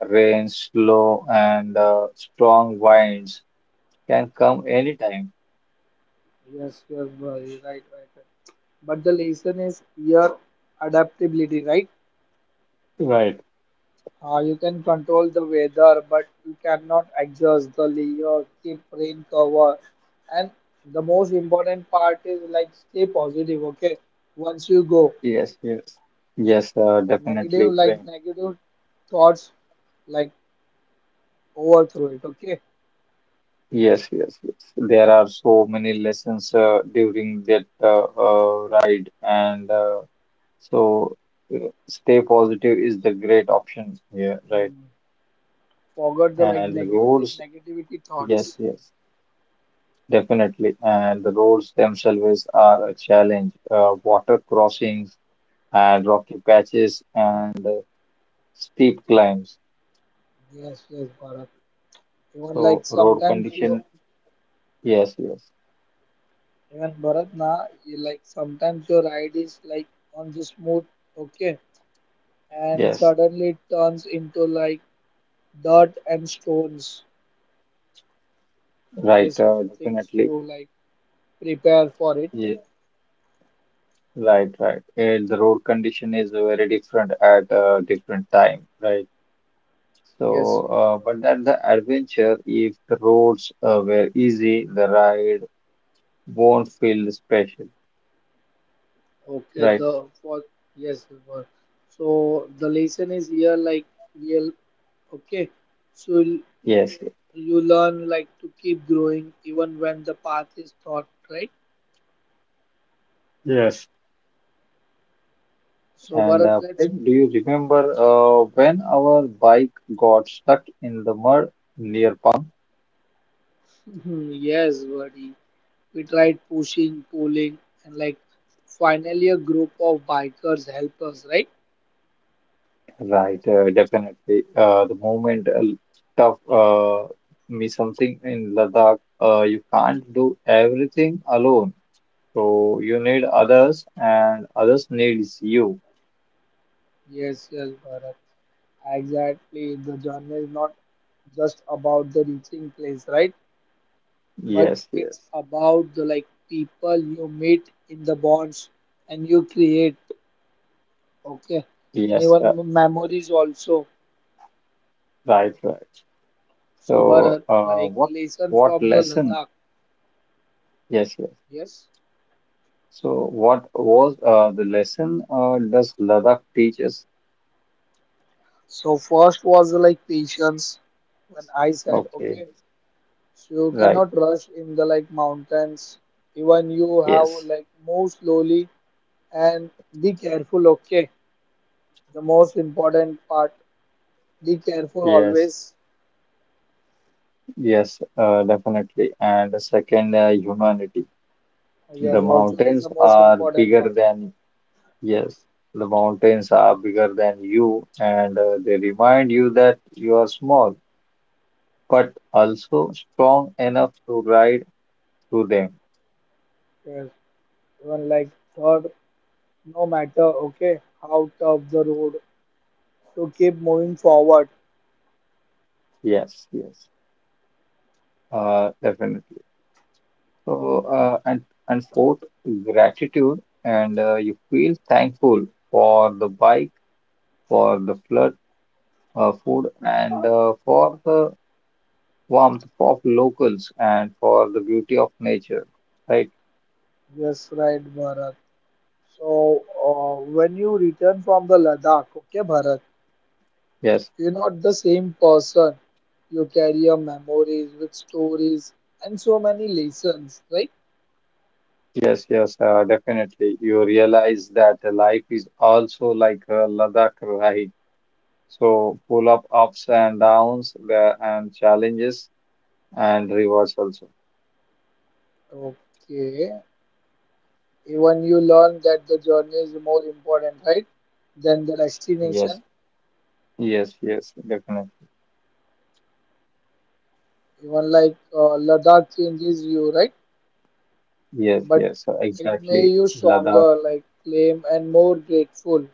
Rain, slow, and strong winds can come anytime. Yes, yes, buddy. Right, right, right. But the lesson is your adaptability, right? Right. You can control the weather, but you cannot adjust the layer, keep rain cover, and the most important part is like stay positive. Okay, once you go, Yes, yes. Yes, negative definitely, like Prem. negative thoughts like overthrow it, okay. Yes, yes, yes. There are so many lessons during that ride, and so uh, stay positive is the great option here, right? Hmm. Forget the like And the negativity roads, negativity yes, thoughts. yes, definitely. And the roads themselves are a challenge. Water crossings and rocky patches and steep climbs. Yes, yes, Bharat, even like So road sometimes you, condition, yes, yes, even Bharat na, you like sometimes your ride is like on the smooth, okay, and yes, suddenly it turns into like dirt and stones. So right, this is the things definitely. you like prepare for it. Yeah, right, right. And the road condition is very different at different time, right? Yes, So, yes, Bharat. but that's the adventure. If the roads were easy, the ride won't feel special, Okay, right? the for yes, it was. So the lesson is here like real, okay. So l- Yes. you learn like to keep growing even when the path is thought, right? Yes. So And Bharat, let's Prem, do you remember when our bike got stuck in the mud near pump? [LAUGHS] yes, buddy. We tried pushing, pulling, and like finally a group of bikers help us, right? Right, definitely. The moment stuff me something in Ladakh, you can't do everything alone. So you need others, and others needs you. Yes, yes, Bharat. Exactly. The journey is not just about the reaching place, right? But Yes, it's yes. about the like people you meet in the bonds and you create, okay, and Yes, even memories also. right, right. So So, Bharat, like what lesson what from the lesson? Ladakh, Yes, yes. yes, So, what was the lesson? Does Ladakh teach us? so first was like patience when I said, Okay, okay, so you right. cannot rush in the like mountains, even you have Yes, like move slowly and be careful, okay. The most important part, be careful yes, always. yes. Definitely. And the second, humanity. Yes, The also this is mountains the most are important bigger part. than yes. The mountains are bigger than you, and they remind you that you are small, but also strong enough to ride through them. Yes, even like third, no matter okay how tough the road, to keep moving forward. Yes, yes. Definitely. So, uh, and and fourth, gratitude, and you feel thankful for the bike, for the flood, food, and for the warmth of locals, and for the beauty of nature. Right? Yes, right, Bharat. So when you return from the Ladakh, okay, Bharat, Yes, you're not the same person. You carry your memories with stories and so many lessons, right? yes, yes. Definitely, you realize that the life is also like a Ladakh ride, so full of ups and downs, and challenges and rewards also. Okay, even you learn that the journey is more important, right, than the Yes, destination. yes, yes. Definitely. Even like Ladakh changes you, right? Yes, But yes, it may exactly. you Ladakh, stronger, like claim and more grateful.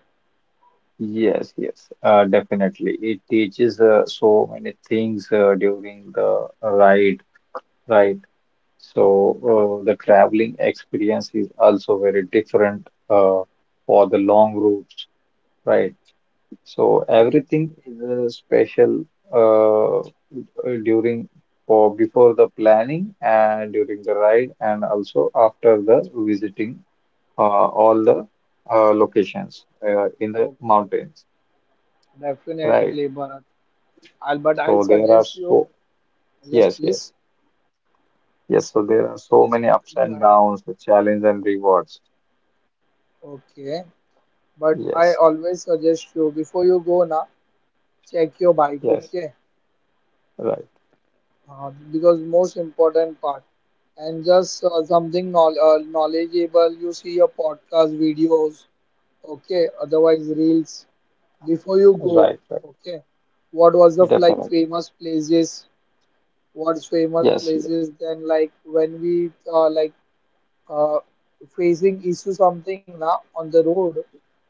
yes, yes, definitely. It teaches so many things during the ride, right? So the traveling experience is also very different for the long routes, right? So Okay, everything is special during or before the planning and during the ride and also after the visiting all the locations in the okay, mountains, right? definitely, Bharat. I'll, but I'll So there are suggest you. so Yes, Yes, yes, please. yes. So there are so Yes, many ups go and ahead. downs, the challenge and rewards. Okay, but I Yes, always suggest you before you go now, check your bike. yes, Okay, right, because most important part, and just something knowledgeable. You see your podcast videos, okay, otherwise reels. Before you go, right, right. okay, what was the like Definitely. famous places? What's famous Yes, y- places? Then like when we like uh, facing issue something now on the road,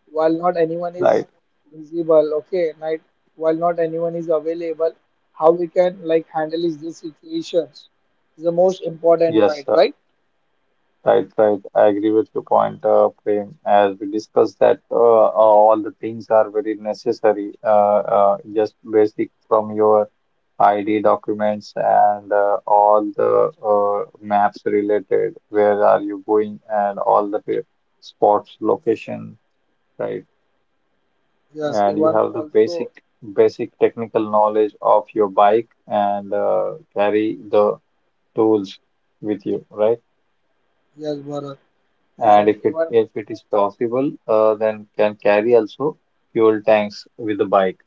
while not anyone is right. visible, okay, night, while not anyone is available, how we can like handle is these situations is the most important Yes, part, right? right, right. I agree with your point, Prem. As we discussed that all the things are very necessary. Just basic from your ID documents and all the maps related, where are you going and spots, location, right? Yes, And you even have the also basic basic technical knowledge of your bike and carry the tools with you, right? yes, Bharat, And and if it even if it is possible, then can carry also fuel tanks with the bike.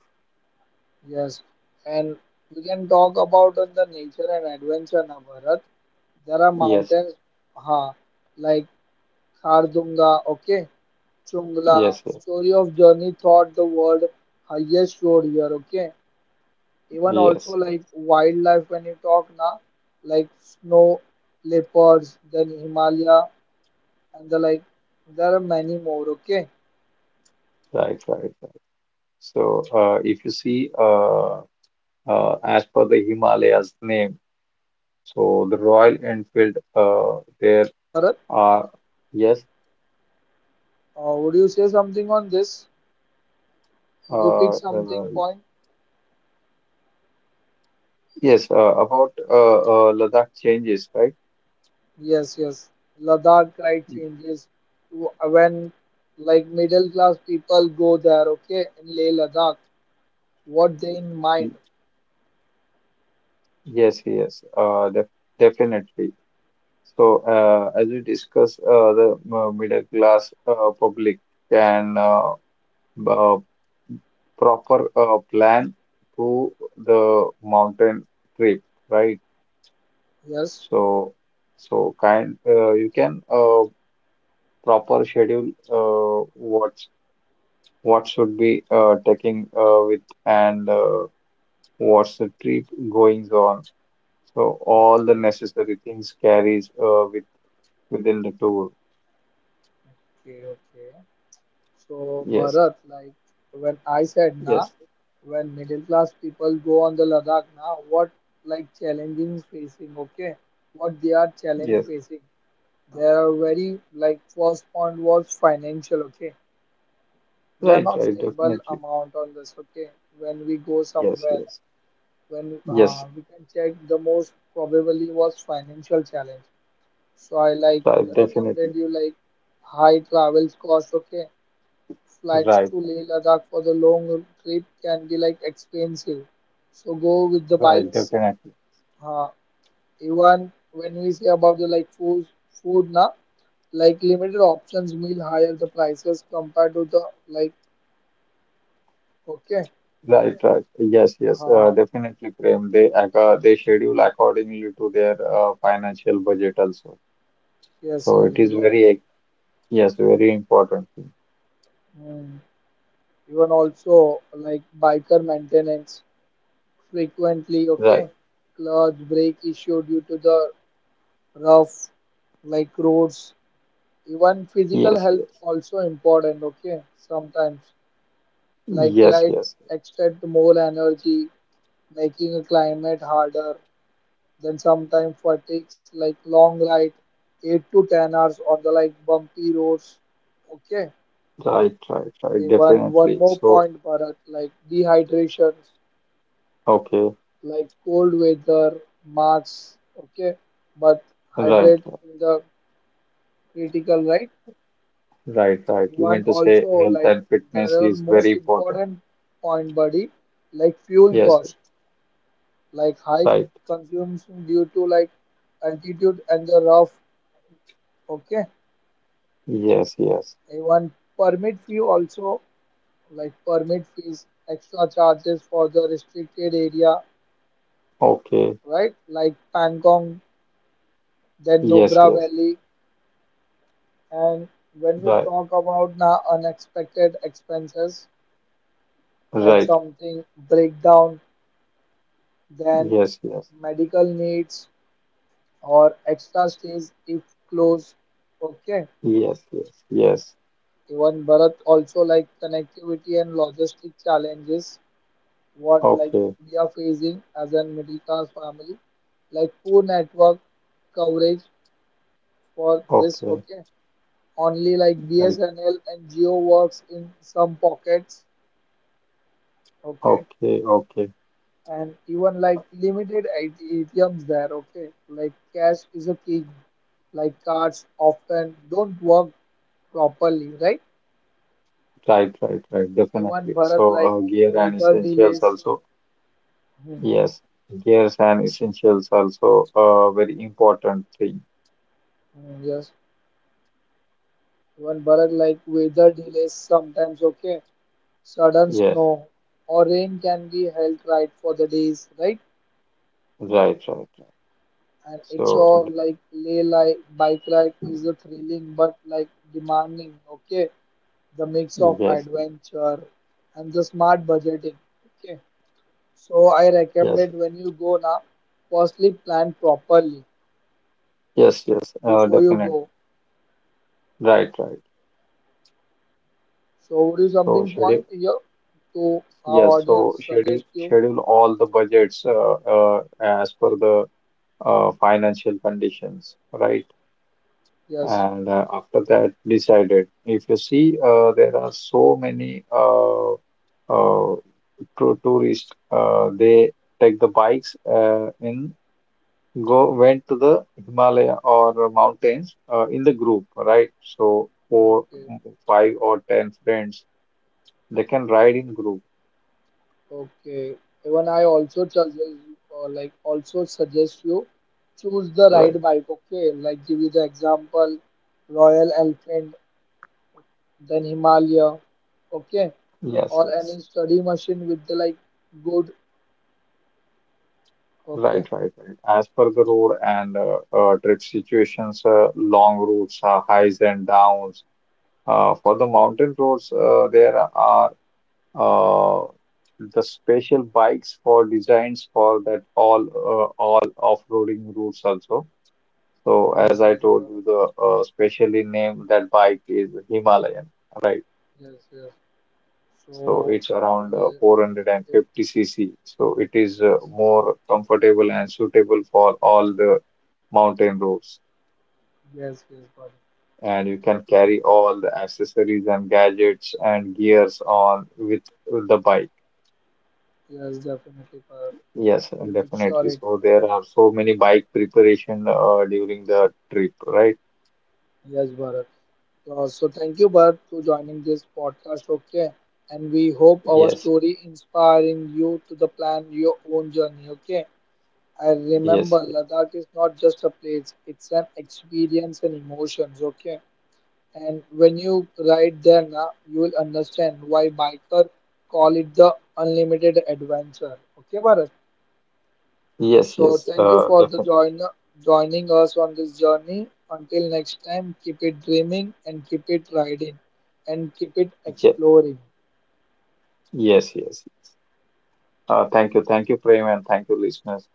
yes, and we can talk about the nature and adventure now, Bharat. There are Yes, mountains, huh, like Khardunga, okay, Chungla, yes, yes, story of journey thought the world highest road here, okay. Even also yes, like yes. wildlife when you talk now, like snow leopards, then Himalaya, and the like. There are many more, okay. Right, right, right. Even also So, like uh, if you travel and see, lifestyle, Leh as Manali per the Highway, Himalayas name. then Stranger Lay Road So the and the Royal Biker, Enfield, there right, Bharat? are yes, Would you say something on this? Would you pick uh, something uh, point? yes, about Ladakh changes, right? Yes, yes. Ladakh right Y- changes to when like middle class people go there, okay, in Leh Ladakh. What they in mind? y- Yes, yes, definitely. So as we discuss, the middle class public can b- uh, proper plan to the mountain trip, right? Yes. So, so kind, you can proper schedule what should be taking with and what's the trip goings on. So all the Okay. necessary things carries with within the tour. Okay. Okay. So Yes, Bharat, like when I said na, yes, when middle class people go on the Ladakh na, what like challenging facing, okay? What they are challenge yes. facing. There are very like first point was financial, okay? We are Right, not right, stable definitely. amount on this, okay? When we go Yes, somewhere, yes, when yes. We can check the most probably was financial challenge. So I like Right, definitely. recommended you like high travels cost, okay? Flights Right, to Leh Ladakh for the long trip can be like expensive. So go with the right, bikes. definitely. Uh, Even when we say about the like food, food na like limited options meal higher the prices compared to the like, okay. Right, right. Yes, yes, Uh, definitely, Prem. They schedule accordingly to their financial budget also. yes, So yes, it is because very, yes, very important thing. mm, even also like biker maintenance frequently, okay, Right. clutch brake issue due to the rough like roads, even physical Yes, health yes. also important, okay, sometimes like Yes, right yes. expect more energy making a climate harder, then sometimes fatigues like long ride 8 to 10 hours on the like bumpy roads, okay. Right, right, right. Even one Definitely. more So, point Bharat like dehydrations okay. like cold weather marks, okay, but Right, hydrate right, in the critical, right. right, right. You meant Even to say also health like and fitness there are is very most important. important point buddy like fuel Yes, cost, like high right. consumption due to like altitude and the rough. Okay, Yes, yes. even permit fee also like permit fees, extra charges for the restricted area, Okay. right? Like Pangong, then Yes, Nubra yes. Valley, and when we Right, talk about now unexpected expenses like right. something breakdown, then Yes, yes. medical needs or extra stays if close. Okay. Yes, yes. Yes. Even Bharat also like connectivity and logistic challenges what like Okay. we are facing as a middle class family. Like poor network coverage for this, Okay, okay. Only like right. BSNL and Geo works in some pockets. Okay. Okay, okay. And even like items there, okay, like cash is a king, like cards often don't work properly, right. Right, right, right. Even Definitely. Bharat So, like uh, gear and weather essentials delays, also. hmm. Yes, gears and essentials also a very important thing. Hmm, yes, even Bharat like weather delays sometimes, okay, sudden Yes, snow or rain can be held right for the days, right. right, right, right. And it's So, all d- like lay like bike ride is a thrilling but like demanding, okay, the mix of yes, adventure and the smart budgeting. Okay, so I yes, recommend when you go now, firstly plan properly yes, yes. Before you Definitely. go. Right, right. So, would you So, something schedule. point here to our Yes. So, audience schedule suggest you? schedule all the budgets as per the financial conditions. Right. Yes. And after that, decided. If you see, there are so many uh, tourists. They take the bikes in go went to the Himalaya or mountains in the group, right? So four, Okay. five or 10 friends, they can ride in group, Okay. Even I also suggest, like also suggest you choose the right right? bike. Okay, like give you the example, Royal Elephant, then Himalaya. Okay, Yes, or yes. any study machine with the like good, Right, okay. right, right. As per the road and trip situations, long routes, highs and downs. For the mountain roads, there are uh, the special bikes for designs for that all off-roading routes also. So as Yes, I yes, told got you, it. the specially named that bike is Himalayan, right? Yes, yes, So so it's around yeah, it, 450 cc. So it is yes, more comfortable and suitable for all the mountain roads. yes, yes, got it. And you can carry Definitely, all the accessories and gadgets and gears on with the bike. yes, definitely Bharat. Yes, We make sure definitely. it, So there are so many bike preparation during the trip, right? yes Bharat, so thank you Bharat to joining this podcast, okay, and we hope our Yes, story inspiring you to the plan your own journey, okay, and yes, remember Ladakh is not just a place, it's an experience and emotions, okay. And when you ride there now, you will understand why biker call it the unlimited adventure. Okay, Bharat. yes, So yes. thank you for the Definitely. Joining us on this journey. Until next time, keep it dreaming and keep it riding and keep it exploring. Yes, yes. Thank you, thank you, Prem, and thank you, listeners.